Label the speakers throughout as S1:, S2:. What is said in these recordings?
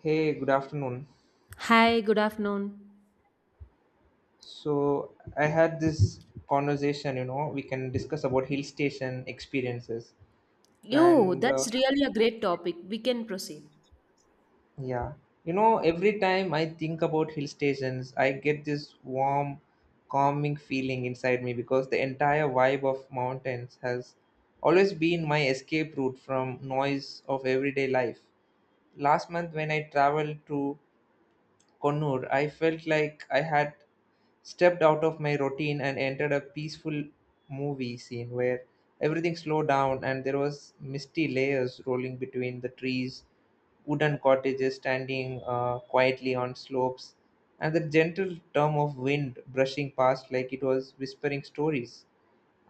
S1: Hey, good afternoon.
S2: Hi, good afternoon.
S1: So I had this conversation, you know, we can discuss about hill station experiences.
S2: Yo,
S1: And
S2: that's really a great topic. We can proceed.
S1: yeah, you know, Every time I think about hill stations, I get this warm, calming feeling inside me because the entire vibe of mountains has always been my escape route from noise of everyday life. Last month when I traveled to Connor, I felt like I had stepped out of my routine and entered a peaceful movie scene where everything slowed down and there was misty layers rolling between the trees, wooden cottages standing quietly on slopes, and the gentle hum of wind brushing past like it was whispering stories.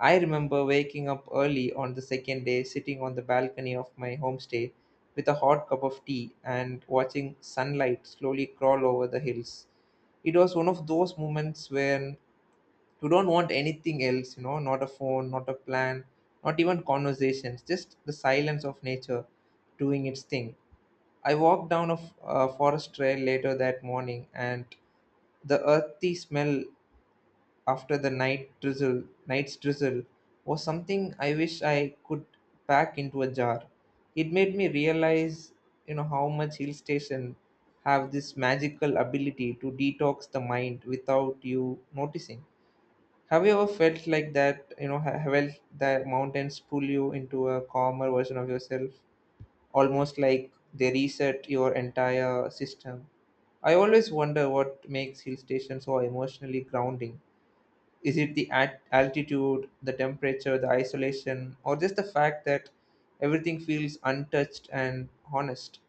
S1: I remember waking up early on the second day, sitting on the balcony of my homestay with a hot cup of tea and watching sunlight slowly crawl over the hills. It was one of those moments when you don't want anything else, you know, not a phone, not a plan, not even conversations, just the silence of nature doing its thing. I walked down a forest trail later that morning and the earthy smell after the night's drizzle was something I wish I could pack into a jar. It made me realize, you know, how much hill station have this magical ability to detox the mind without you noticing. Have you ever felt like that? Felt that mountains pull you into a calmer version of yourself, almost like they reset your entire system. I always wonder what makes hill stations so emotionally grounding. Is it the altitude, the temperature, the isolation, or just the fact that everything feels untouched and honest?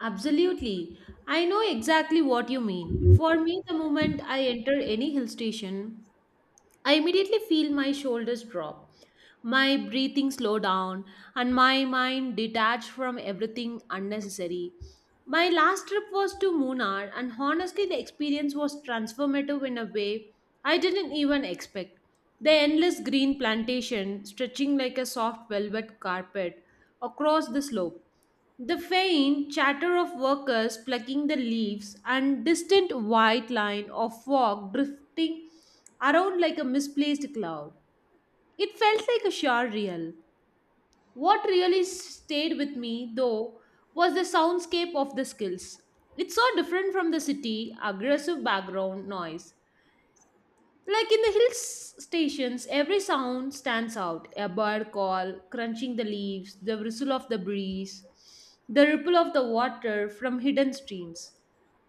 S2: Absolutely. I know exactly what you mean. For me, the moment I enter any hill station, I immediately feel my shoulders drop, my breathing slow down, and my mind detached from everything unnecessary. My last trip was to Munnar, and honestly, the experience was transformative in a way I didn't even expect. The endless green plantation stretching like a soft velvet carpet across the slope. The faint chatter of workers plucking the leaves and distant white line of fog drifting around like a misplaced cloud. It felt like a shower reel. What really stayed with me, though, was the soundscape of the skills. It's so different from the city, aggressive background noise. Like in the stations, every sound stands out a bird call, crunching the leaves, the whistle of the breeze, the ripple of the water from hidden streams.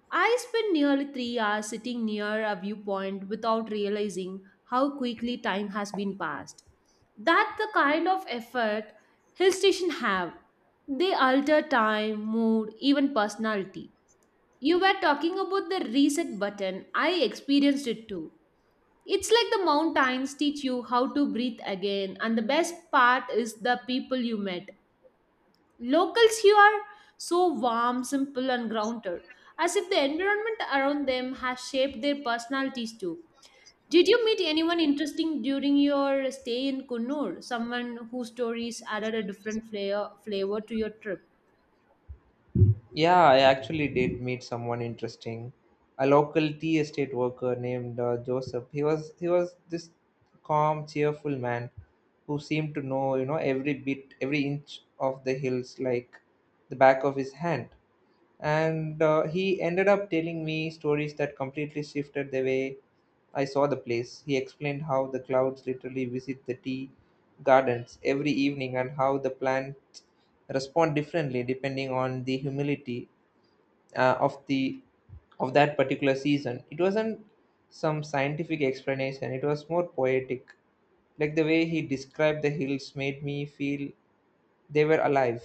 S2: I spent nearly 3 hours sitting near a viewpoint without realizing how quickly time has been passed. That's the kind of effort hill stations have. They alter time, mood, even personality. You were talking about the reset button. I experienced it too. It's like the mountains teach you how to breathe again, and the best part is the people you met. Locals here are so warm, simple, and grounded, as if the environment around them has shaped their personalities too. Did you meet anyone interesting during your stay in Kunnur? Someone whose stories added a different flair, flavor to your trip?
S1: Yeah, I actually did meet someone interesting, a local tea estate worker named Joseph. He was this calm, cheerful man who seemed to know, you know, every bit, every inch of the hills like the back of his hand. And he ended up telling me stories that completely shifted the way I saw the place. He explained how the clouds literally visit the tea gardens every evening and how the plants respond differently depending on the humidity, uh, of the of that particular season. It wasn't some scientific explanation. It was more poetic. Like the way he described the hills made me feel they were alive.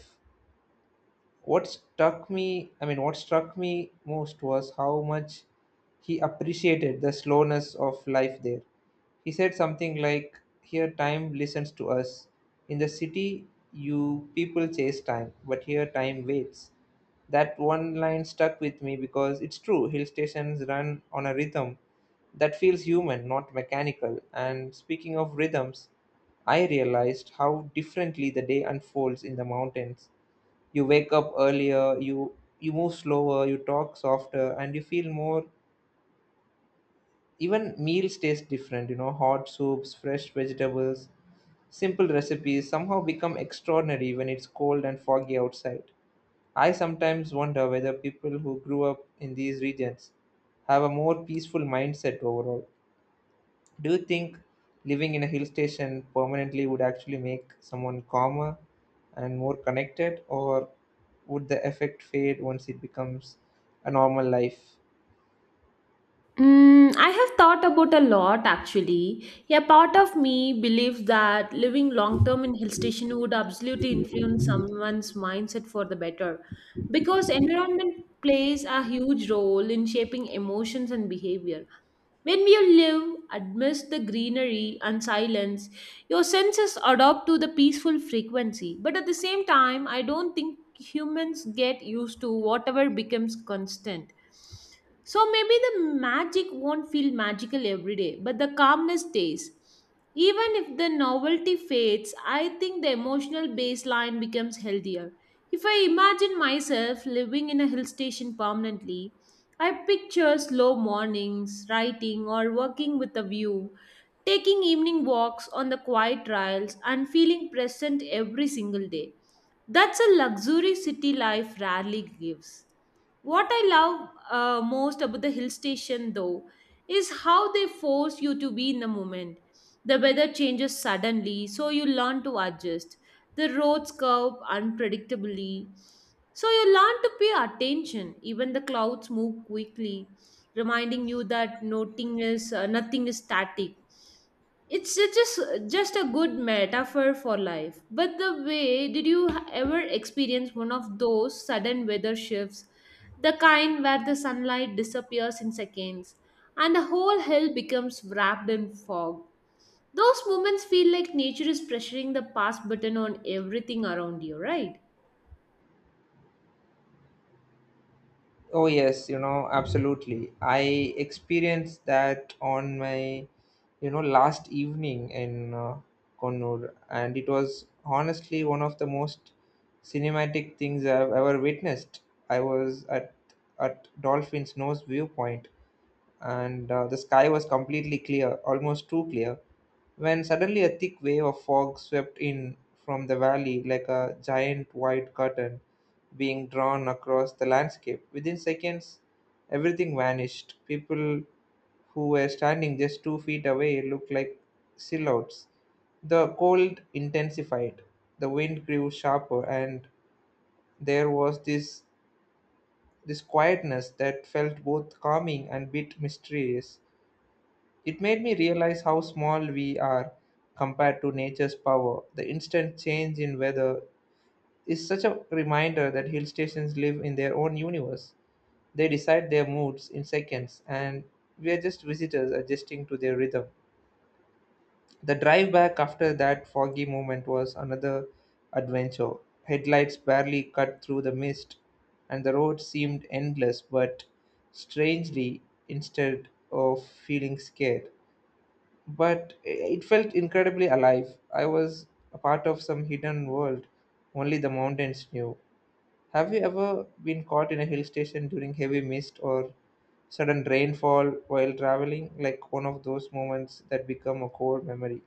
S1: What struck me i mean what struck me most was how much he appreciated the slowness of life there. He said something like, "Here time listens to us. In the city, you people chase time, but here time waits." That one line stuck with me because it's true. Hill stations run on a rhythm that feels human, not mechanical. And speaking of rhythms, I realized how differently the day unfolds in the mountains. You wake up earlier, you move slower, you talk softer, and you feel more. Even meals taste different. You know, hot soups, fresh vegetables, simple recipes somehow become extraordinary when it's cold and foggy outside. I sometimes wonder whether people who grew up in these regions have a more peaceful mindset overall. Do you think living in a hill station permanently would actually make someone calmer and more connected, or would the effect fade once it becomes a normal life?
S2: Mm, I have thought about a lot actually. A part of me believes that living long term in hill station would absolutely influence someone's mindset for the better because environment plays a huge role in shaping emotions and behavior. When you live amidst the greenery and silence, your senses adapt to the peaceful frequency. But at the same time, I don't think humans get used to whatever becomes constant, so maybe the magic won't feel magical every day, but the calmness stays. Even if the novelty fades, I think the emotional baseline becomes healthier. If I imagine myself living in a hill station permanently, I picture slow mornings, writing, or working with a view, taking evening walks on the quiet trails, and feeling present every single day. That's a luxury city life rarely gives. What I love most about the hill station, though, is how they force you to be in the moment. The weather changes suddenly, so you learn to adjust. The roads curve unpredictably, so you learn to pay attention. Even the clouds move quickly, reminding you that nothing is static. It's just a good metaphor for life. But the way, ever experience one of those sudden weather shifts, the kind where the sunlight disappears in seconds and the whole hill becomes wrapped in fog? Those moments feel like nature is pressuring the pause button on everything around you, right?
S1: Oh, yes, you know, absolutely. I experienced that on my, you know, last evening in Kannur, and it was honestly one of the most cinematic things I've ever witnessed. I was at Dolphin's Nose viewpoint, and the sky was completely clear, almost too clear, when suddenly a thick wave of fog swept in from the valley like a giant white curtain being drawn across the landscape. Within seconds, everything vanished. People who were standing just 2 feet away looked like silhouettes. The cold intensified, the wind grew sharper, and there was this quietness that felt both calming and bit mysterious. It made me realize how small we are compared to nature's power. The instant change in weather is such a reminder that hill stations live in their own universe. They decide their moods in seconds, and we are just visitors adjusting to their rhythm. The drive back after that foggy moment was another adventure. Headlights barely cut through the mist, and the road seemed endless, but strangely, instead of feeling scared, but it felt incredibly alive. I was a part of some hidden world only the mountains knew. Have you ever been caught in a hill station during heavy mist or sudden rainfall while traveling? Like one of those moments that become a core memory.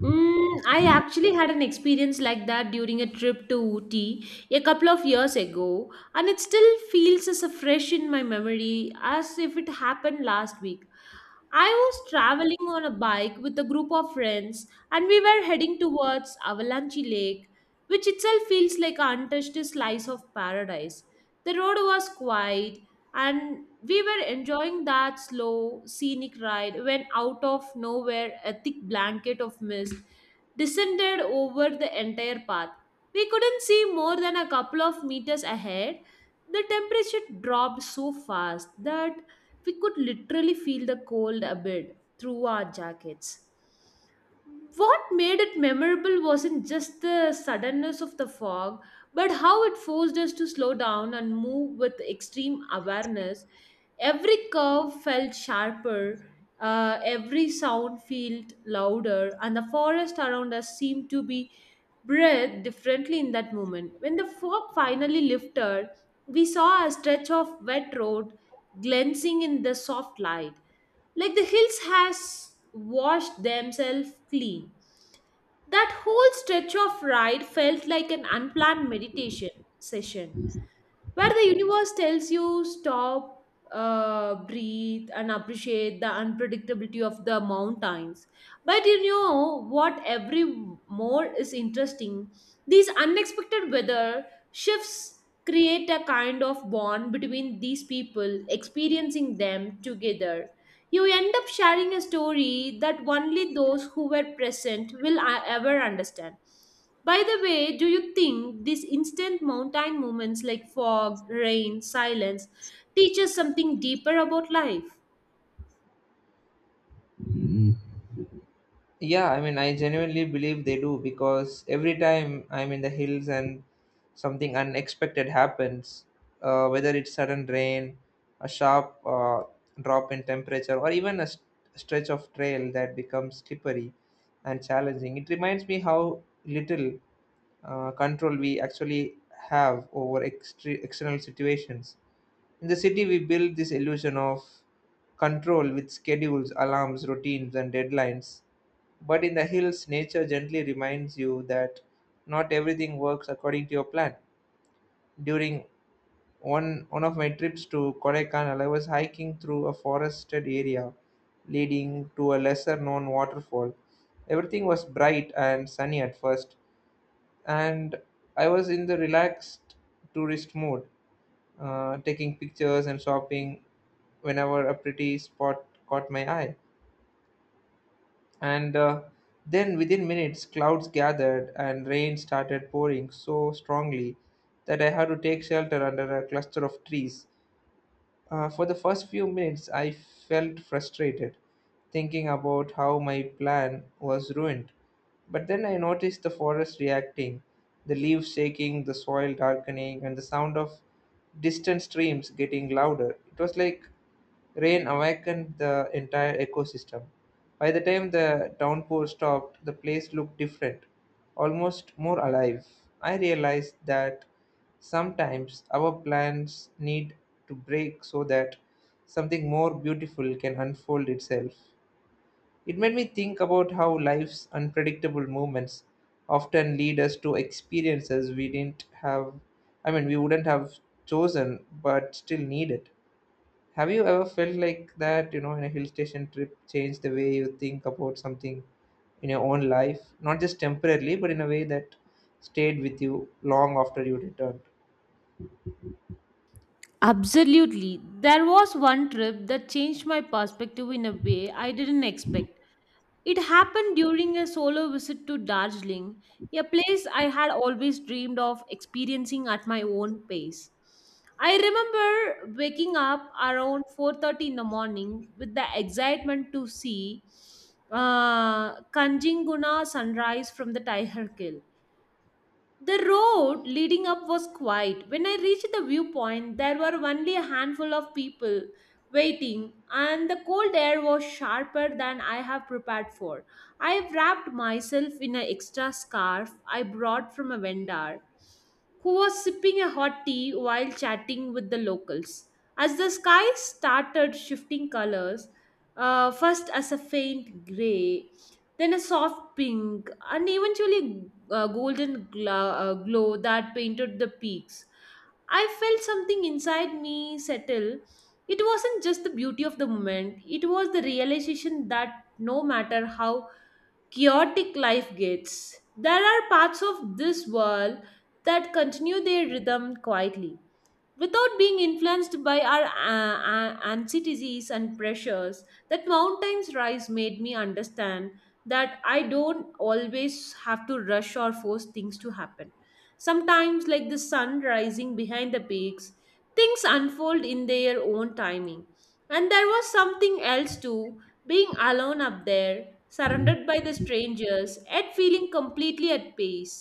S2: Mm, I actually had an experience like that during a trip to Ooty a couple of years ago, and it still feels as fresh in my memory as if it happened last week. I was traveling on a bike with a group of friends and we were heading towards Avalanche Lake, which itself feels like an untouched slice of paradise. The road was quiet and we were enjoying that slow, scenic ride when out of nowhere a thick blanket of mist descended over the entire path. We couldn't see more than a couple of meters ahead. The temperature dropped so fast that we could literally feel the cold a bit through our jackets. What made it memorable wasn't just the suddenness of the fog, but how it forced us to slow down and move with extreme awareness. Every curve felt sharper, every sound felt louder, and the forest around us seemed to be breathed differently in that moment. When the fog finally lifted, we saw a stretch of wet road glancing in the soft light, like the hills has washed themselves clean. That whole stretch of ride felt like an unplanned meditation session where the universe tells you stop, breathe and appreciate the unpredictability of the mountains. But you know what, every more is interesting. These unexpected weather shifts create a kind of bond between these people experiencing them together. You end up sharing a story that only those who were present will ever understand. By the way, do you think these instant mountain moments like fog, rain, silence teach us something deeper about life?
S1: Yeah, I mean, I genuinely believe they do because every time I'm in the hills and something unexpected happens, whether it's sudden rain, a sharp drop in temperature, or even a stretch of trail that becomes slippery and challenging, it reminds me how little control we actually have over external situations. In the city, we build this illusion of control with schedules, alarms, routines, and deadlines, but in the hills, nature gently reminds you that not everything works according to your plan. During one of my trips to Kodaikanal, I was hiking through a forested area leading to a lesser known waterfall. Everything was bright and sunny at first, and I was in the relaxed tourist mode, taking pictures and shopping whenever a pretty spot caught my eye. And then within minutes, clouds gathered and rain started pouring so strongly that I had to take shelter under a cluster of trees. For the first few minutes, I felt frustrated thinking about how my plan was ruined. But then I noticed the forest reacting, the leaves shaking, the soil darkening, and the sound of distant streams getting louder. It was like rain awakened the entire ecosystem. By the time the downpour stopped, the place looked different, almost more alive. I realized that sometimes our plans need to break so that something more beautiful can unfold itself. It made me think about how life's unpredictable movements often lead us to experiences we didn't have, I mean, we wouldn't have chosen but still need it. Have you ever felt like that, you know, in a hill station trip, change the way you think about something in your own life, not just temporarily, but in a way that stayed with you long after you returned?
S2: Absolutely. There was one trip that changed my perspective in a way I didn't expect. It happened during a solo visit to Darjeeling, a place I had always dreamed of experiencing at my own pace. I remember waking up around 4:30 in the morning with the excitement to see Kanchenjunga sunrise from the Tiger Hill. The road leading up was quiet. When I reached the viewpoint, there were only a handful of people waiting, and the cold air was sharper than I have prepared for. I wrapped myself in an extra scarf I brought from a vendor who was sipping a hot tea while chatting with the locals. As the sky started shifting colors, first as a faint gray, then a soft pink, and eventually a golden glow, glow that painted the peaks. I felt something inside me settle. It wasn't just the beauty of the moment, it was the realization that no matter how chaotic life gets, there are parts of this world that continue their rhythm quietly without being influenced by our anxieties and pressures. That mountains rise made me understand that I don't always have to rush or force things to happen. Sometimes, like the sun rising behind the peaks, things unfold in their own timing. And there was something else too, being alone up there surrounded by the strangers yet feeling completely at peace,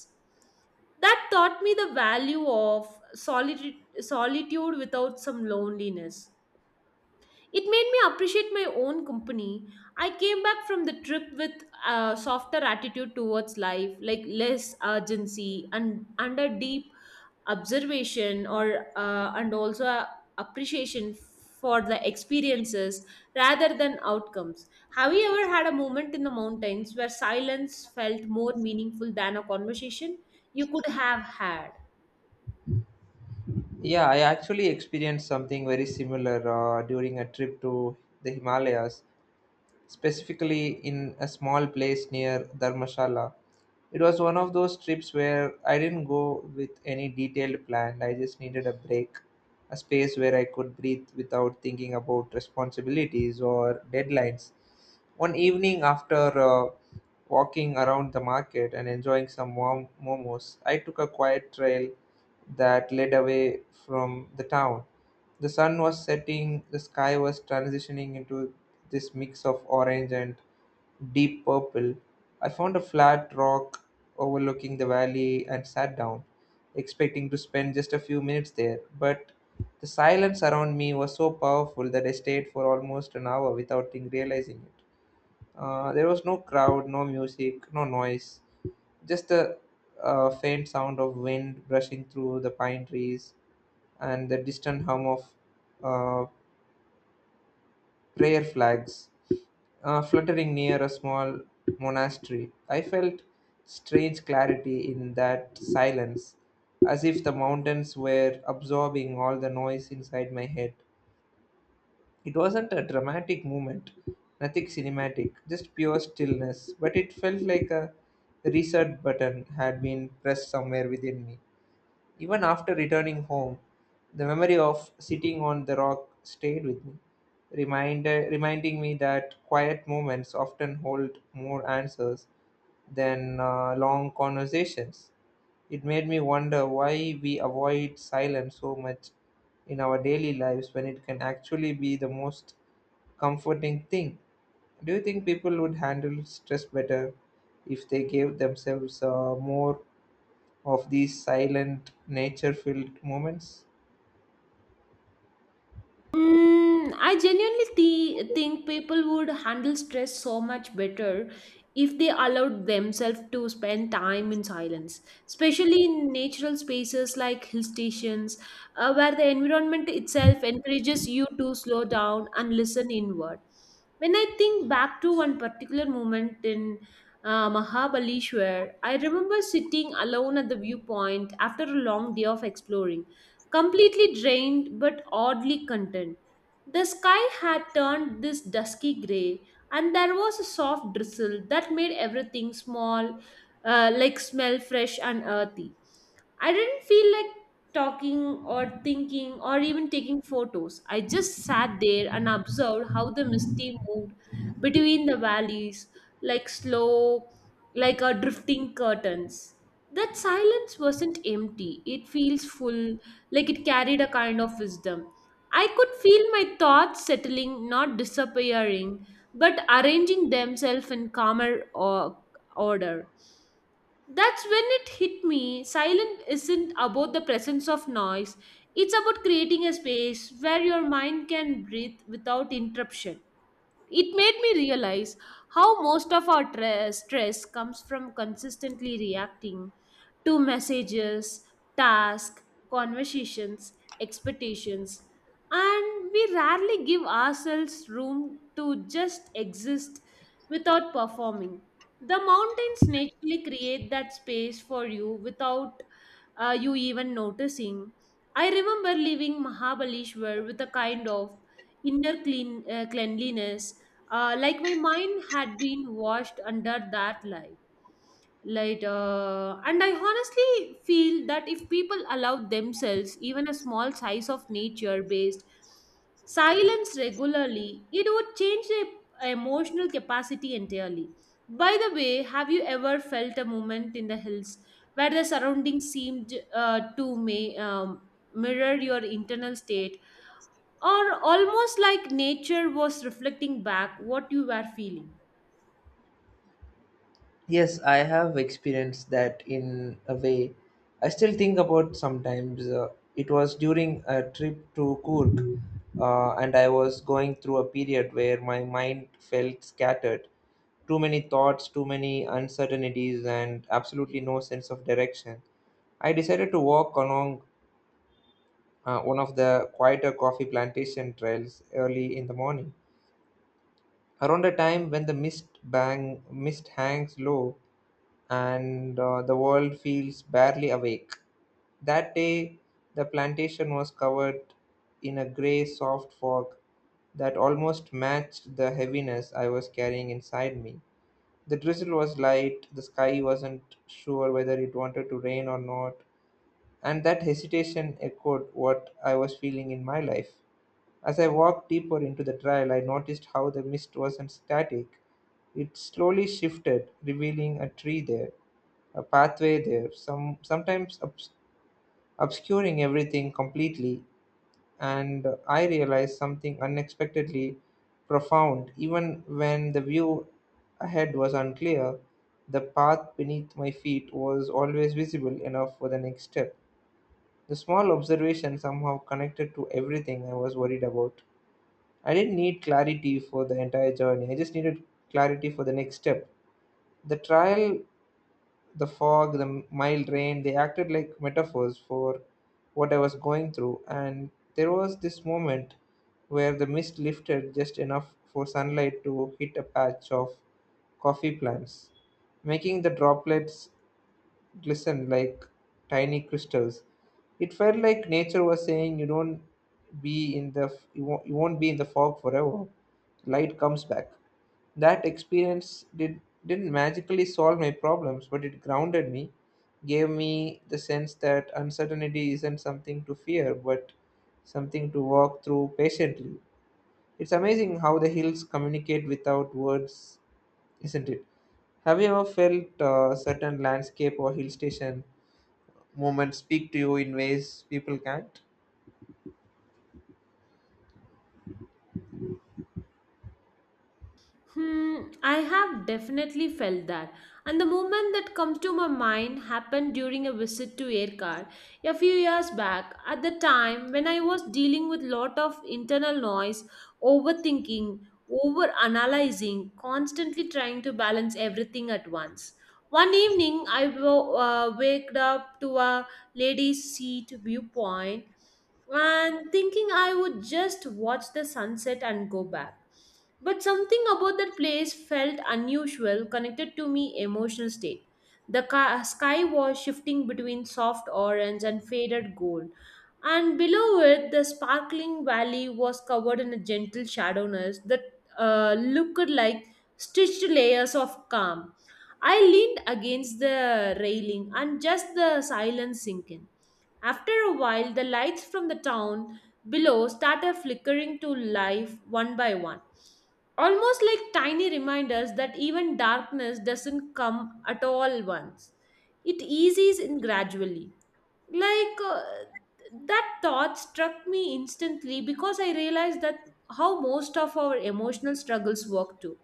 S2: that taught me the value of solitude, solitude without some loneliness. It made me appreciate my own company. I came back from the trip with a softer attitude towards life, like less urgency and under deep observation, or and also a appreciation for the experiences rather than outcomes. Have you ever had a moment in the mountains where silence felt more meaningful than a conversation you could have had?
S1: Yeah, I actually experienced something very similar during a trip to the Himalayas, specifically in a small place near Dharmshala. It was one of those trips where I didn't go with any detailed plan. I just needed a break, a space where I could breathe without thinking about responsibilities or deadlines. One evening, after walking around the market and enjoying some warm momos, I took a quiet trail that led away from the town. The sun was setting, the sky was transitioning into this mix of orange and deep purple. I found a flat rock overlooking the valley and sat down, expecting to spend just a few minutes there. But the silence around me was so powerful that I stayed for almost an hour without realizing it. There was no crowd, no music, no noise, just the faint sound of wind brushing through the pine trees and the distant hum of uh, prayer flags fluttering near a small monastery. I felt strange clarity in that silence, as if the mountains were absorbing all the noise inside my head. It wasn't a dramatic moment, nothing cinematic, just pure stillness, but it felt like a reset button had been pressed somewhere within me. Even after returning home, the memory of sitting on the rock stayed with me, reminding me that quiet moments often hold more answers than long conversations. It made me wonder why we avoid silence so much in our daily lives when it can actually be the most comforting thing. Do you think people would handle stress better if they gave themselves more of these silent nature filled moments?
S2: Mm, I genuinely think people would handle stress so much better if they allowed themselves to spend time in silence, especially in natural spaces like hill stations, where the environment itself encourages you to slow down and listen inward. When I think back to one particular moment in Mahabaleshwar, I remember sitting alone at the viewpoint after a long day of exploring, completely drained but oddly content. The sky had turned this dusky grey, and there was a soft drizzle that made everything small, like smell fresh and earthy. I didn't feel like talking or thinking or even taking photos. I just sat there and observed how the misty moved between the valleys, like slow, like a drifting curtains. That silence wasn't empty. It feels full, like it carried a kind of wisdom. I could feel my thoughts settling, not disappearing, but arranging themselves in calmer or order. That's when it hit me. Silence isn't about the presence of noise. It's about creating a space where your mind can breathe without interruption. It made me realize how most of our stress comes from consistently reacting to messages, tasks, conversations, expectations, and we rarely give ourselves room to just exist without performing. The mountains naturally create that space for you without you even noticing. I remember leaving Mahabaleshwar with a kind of inner clean, cleanliness, like my mind had been washed under that light light. And I honestly feel that if people allow themselves even a small size of nature based silence regularly, it would change their emotional capacity entirely. By the way, have you ever felt a moment in the hills where the surroundings seemed to may mirror your internal state, or almost like nature was reflecting back what you were feeling.
S1: Yes, I have experienced that in a way. I still think about sometimes. It was during a trip to Kurk, and I was going through a period where my mind felt scattered. Too many thoughts, too many uncertainties, and absolutely no sense of direction. I decided to walk along one of the quieter coffee plantation trails early in the morning, around the time when the mist hangs low, and the world feels barely awake. That day the plantation was covered in a gray soft fog that almost matched the heaviness I was carrying inside me. The drizzle was light, the sky wasn't sure whether it wanted to rain or not, and that hesitation echoed what I was feeling in my life. As I walked deeper into the trail, I noticed how the mist wasn't static. It slowly shifted, revealing a tree there, a pathway there, sometimes obscuring everything completely. And I realized something unexpectedly profound. Even when the view ahead was unclear, the path beneath my feet was always visible enough for the next step. The small observation somehow connected to everything I was worried about. I didn't need clarity for the entire journey. I just needed clarity for the next step. The trial, the fog, the mild rain, they acted like metaphors for what I was going through. And there was this moment where the mist lifted just enough for sunlight to hit a patch of coffee plants, making the droplets glistened like tiny crystals. It felt like nature was saying, "You don't be in the f- You won't be in the fog forever. Light comes back." That experience did didn't magically solve my problems, but it grounded me, gave me the sense that uncertainty isn't something to fear, but something to walk through patiently. It's amazing how the hills communicate without words, isn't it? Have you ever felt a certain landscape or hill station movement speak to you in ways people can't?
S2: Hmm, I have definitely felt that. And the moment that comes to my mind happened during a visit to Aircar a few years back. At the time when I was dealing with lot of internal noise, overthinking, over analyzing, constantly trying to balance everything at once. One evening, waked up to a lady's seat viewpoint and thinking I would just watch the sunset and go back. But something about that place felt unusual, connected to me emotional state. The sky was shifting between soft orange and faded gold, and below it, the sparkling valley was covered in a gentle shadowness that looked like stitched layers of calm. I leaned against the railing and just the silence sinking. After a while, the lights from the town below started flickering to life one by one, almost like tiny reminders that even darkness doesn't come at all once. It eases in gradually. Like uh, that thought struck me instantly because I realized that how most of our emotional struggles work too.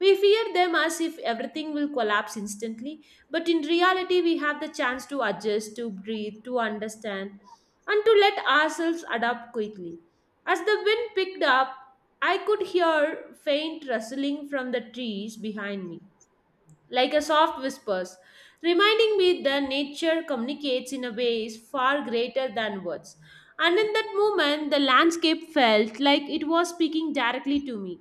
S2: We fear them as if everything will collapse instantly, but in reality, we have the chance to adjust, to breathe, to understand, and to let ourselves adapt quickly. As the wind picked up, I could hear faint rustling from the trees behind me like a soft whispers, reminding me that nature communicates in a way is far greater than words. And in that moment, the landscape felt like it was speaking directly to me,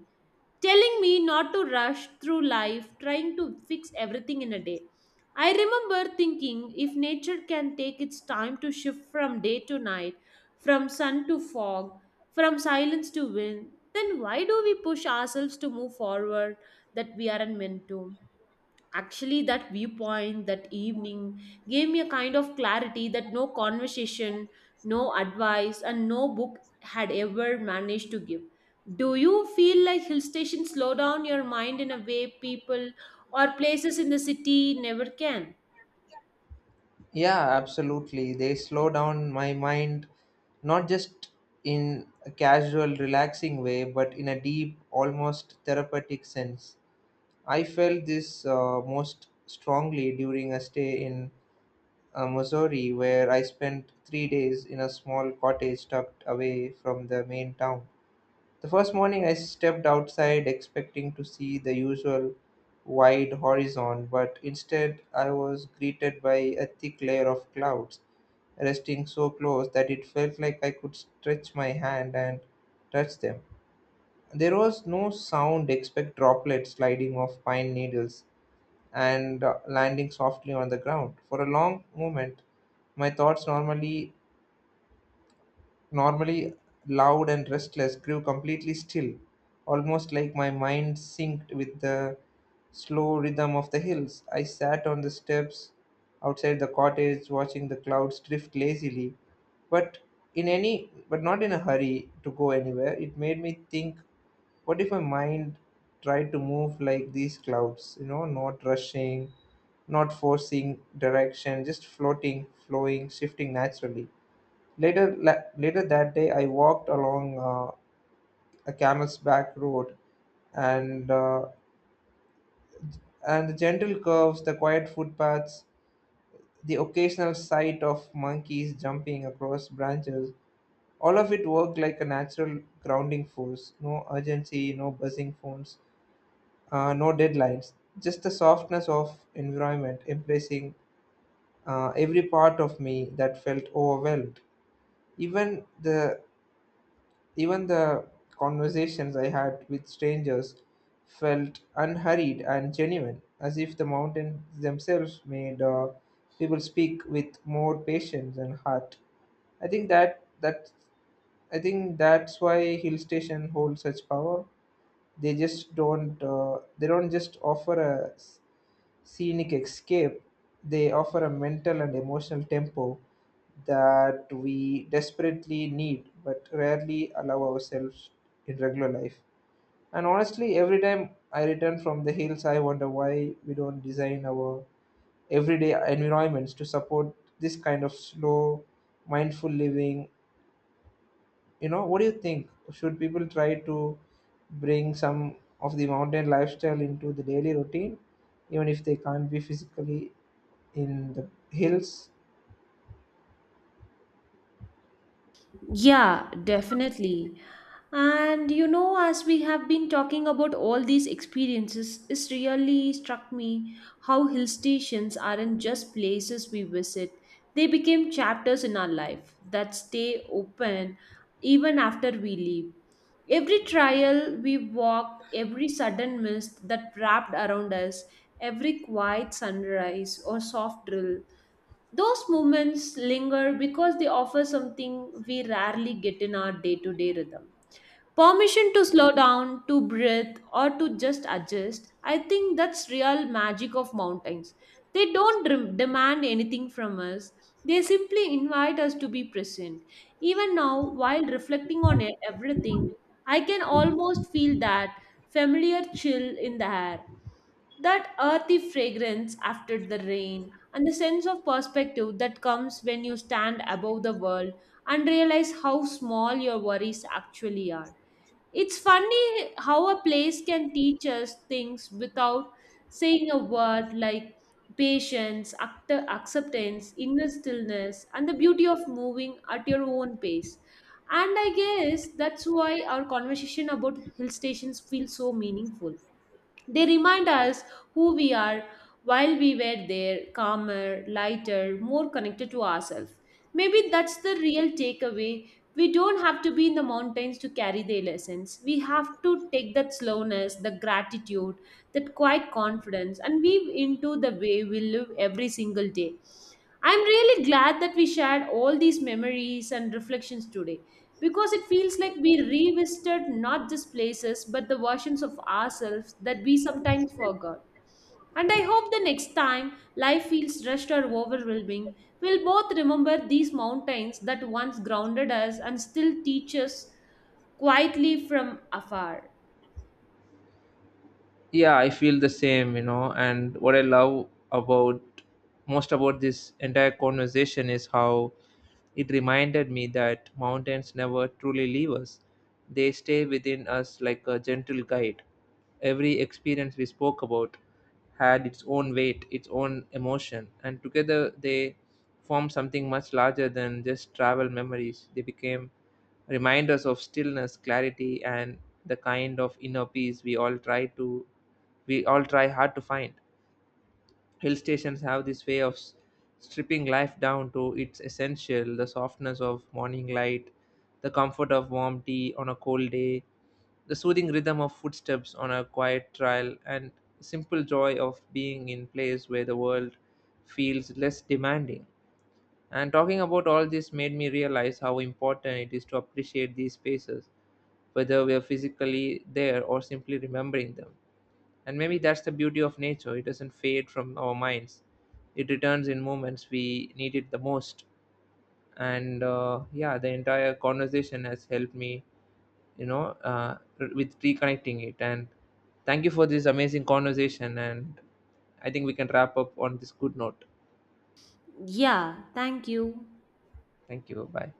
S2: telling me not to rush through life, trying to fix everything in a day. I remember thinking if nature can take its time to shift from day to night, from sun to fog, from silence to wind, then why do we push ourselves to move forward that we aren't meant to? Actually, that viewpoint that evening gave me a kind of clarity that no conversation, no advice, and no book had ever managed to give. Do you feel like hill stations slow down your mind in a way people or places in the city never can?
S1: Yeah, absolutely. They slow down my mind, not just in a casual, relaxing way, but in a deep, almost therapeutic sense. I felt this most strongly during a stay in Missouri, where I spent 3 days in a small cottage tucked away from the main town. The first morning I stepped outside expecting to see the usual wide horizon, but instead I was greeted by a thick layer of clouds resting so close that it felt like I could stretch my hand and touch them. There was no sound except droplets sliding off pine needles and landing softly on the ground. For a long moment, my thoughts normally, normally loud and restless, grew completely still, almost like my mind synced with the slow rhythm of the hills. I sat on the steps outside the cottage, watching the clouds drift lazily, but in any but not in a hurry to go anywhere. It made me think, what if my mind tried to move like these clouds, you know, not rushing, not forcing direction, just floating, flowing, shifting naturally. Later that day, I walked along a camel's back road, and uh, and the gentle curves, the quiet footpaths, the occasional sight of monkeys jumping across branches, all of it worked like a natural grounding force. No urgency, no buzzing phones, no deadlines. Just the softness of environment embracing every part of me that felt overwhelmed. Even the Even the conversations I had with strangers felt unhurried and genuine, as if the mountains themselves made people speak with more patience and heart. I think that that I think that's why hill station hold such power. They don't just offer a scenic escape, they offer a mental and emotional tempo that we desperately need but rarely allow ourselves in regular life. And honestly, every time I return from the hills, I wonder why we don't design our everyday environments to support this kind of slow, mindful living. You know, what do you think? Should people try to bring some of the mountain lifestyle into the daily routine, even if they can't be physically in the hills.
S2: Yeah, definitely. And you know, as we have been talking about all these experiences, it's really struck me how hill stations aren't just places we visit, they became chapters in our life that stay open even after we leave. Every trial we walked, every sudden mist that wrapped around us, every quiet sunrise or soft drill, those moments linger because they offer something we rarely get in our day to day rhythm. Permission to slow down, to breathe, or to just adjust. I think that's real magic of mountains. They don't dem- demand anything from us. They simply invite us to be present. Even now, while reflecting on everything, I can almost feel that familiar chill in the air that earthy fragrance after the rain and the sense of perspective that comes when you stand above the world and realize how small your worries actually are. It's funny how a place can teach us things without saying a word like patience, acceptance, inner stillness, and the beauty of moving at your own pace. And I guess that's why our conversation about hill stations feels so meaningful. They remind us who we are while we were there, calmer, lighter, more connected to ourselves. Maybe that's the real takeaway. We don't have to be in the mountains to carry the lessons. We have to take that slowness, the gratitude, that quiet confidence, and weave into the way we live every single day. I'm really glad that we shared all these memories and reflections today because it feels like we revisited not just places but the versions of ourselves that we sometimes forgot. And I hope the next time life feels rushed or overwhelming, we'll both remember these mountains that once grounded us and still teach us quietly from afar.
S1: Yeah, I feel the same, you know, and what I love about most about this entire conversation is how it reminded me that mountains never truly leave us. They stay within us like a gentle guide. Every experience we spoke about had its own weight, its own emotion, and together they formed something much larger than just travel memories. They became reminders of stillness, clarity, and the kind of inner peace we all try hard to find. Hill stations have this way of stripping life down to its essential, the softness of morning light, the comfort of warm tea on a cold day, the soothing rhythm of footsteps on a quiet trail, and simple joy of being in place where the world feels less demanding. And talking about all this made me realize how important it is to appreciate these spaces whether we're physically there or simply remembering them. And maybe that's the beauty of nature. It doesn't fade from our minds, it returns in moments we need it the most. And yeah, the entire conversation has helped me, you know, with reconnecting it. And thank you for this amazing conversation. And I think we can wrap up on this good note.
S2: Yeah, thank you.
S1: Thank you. Bye.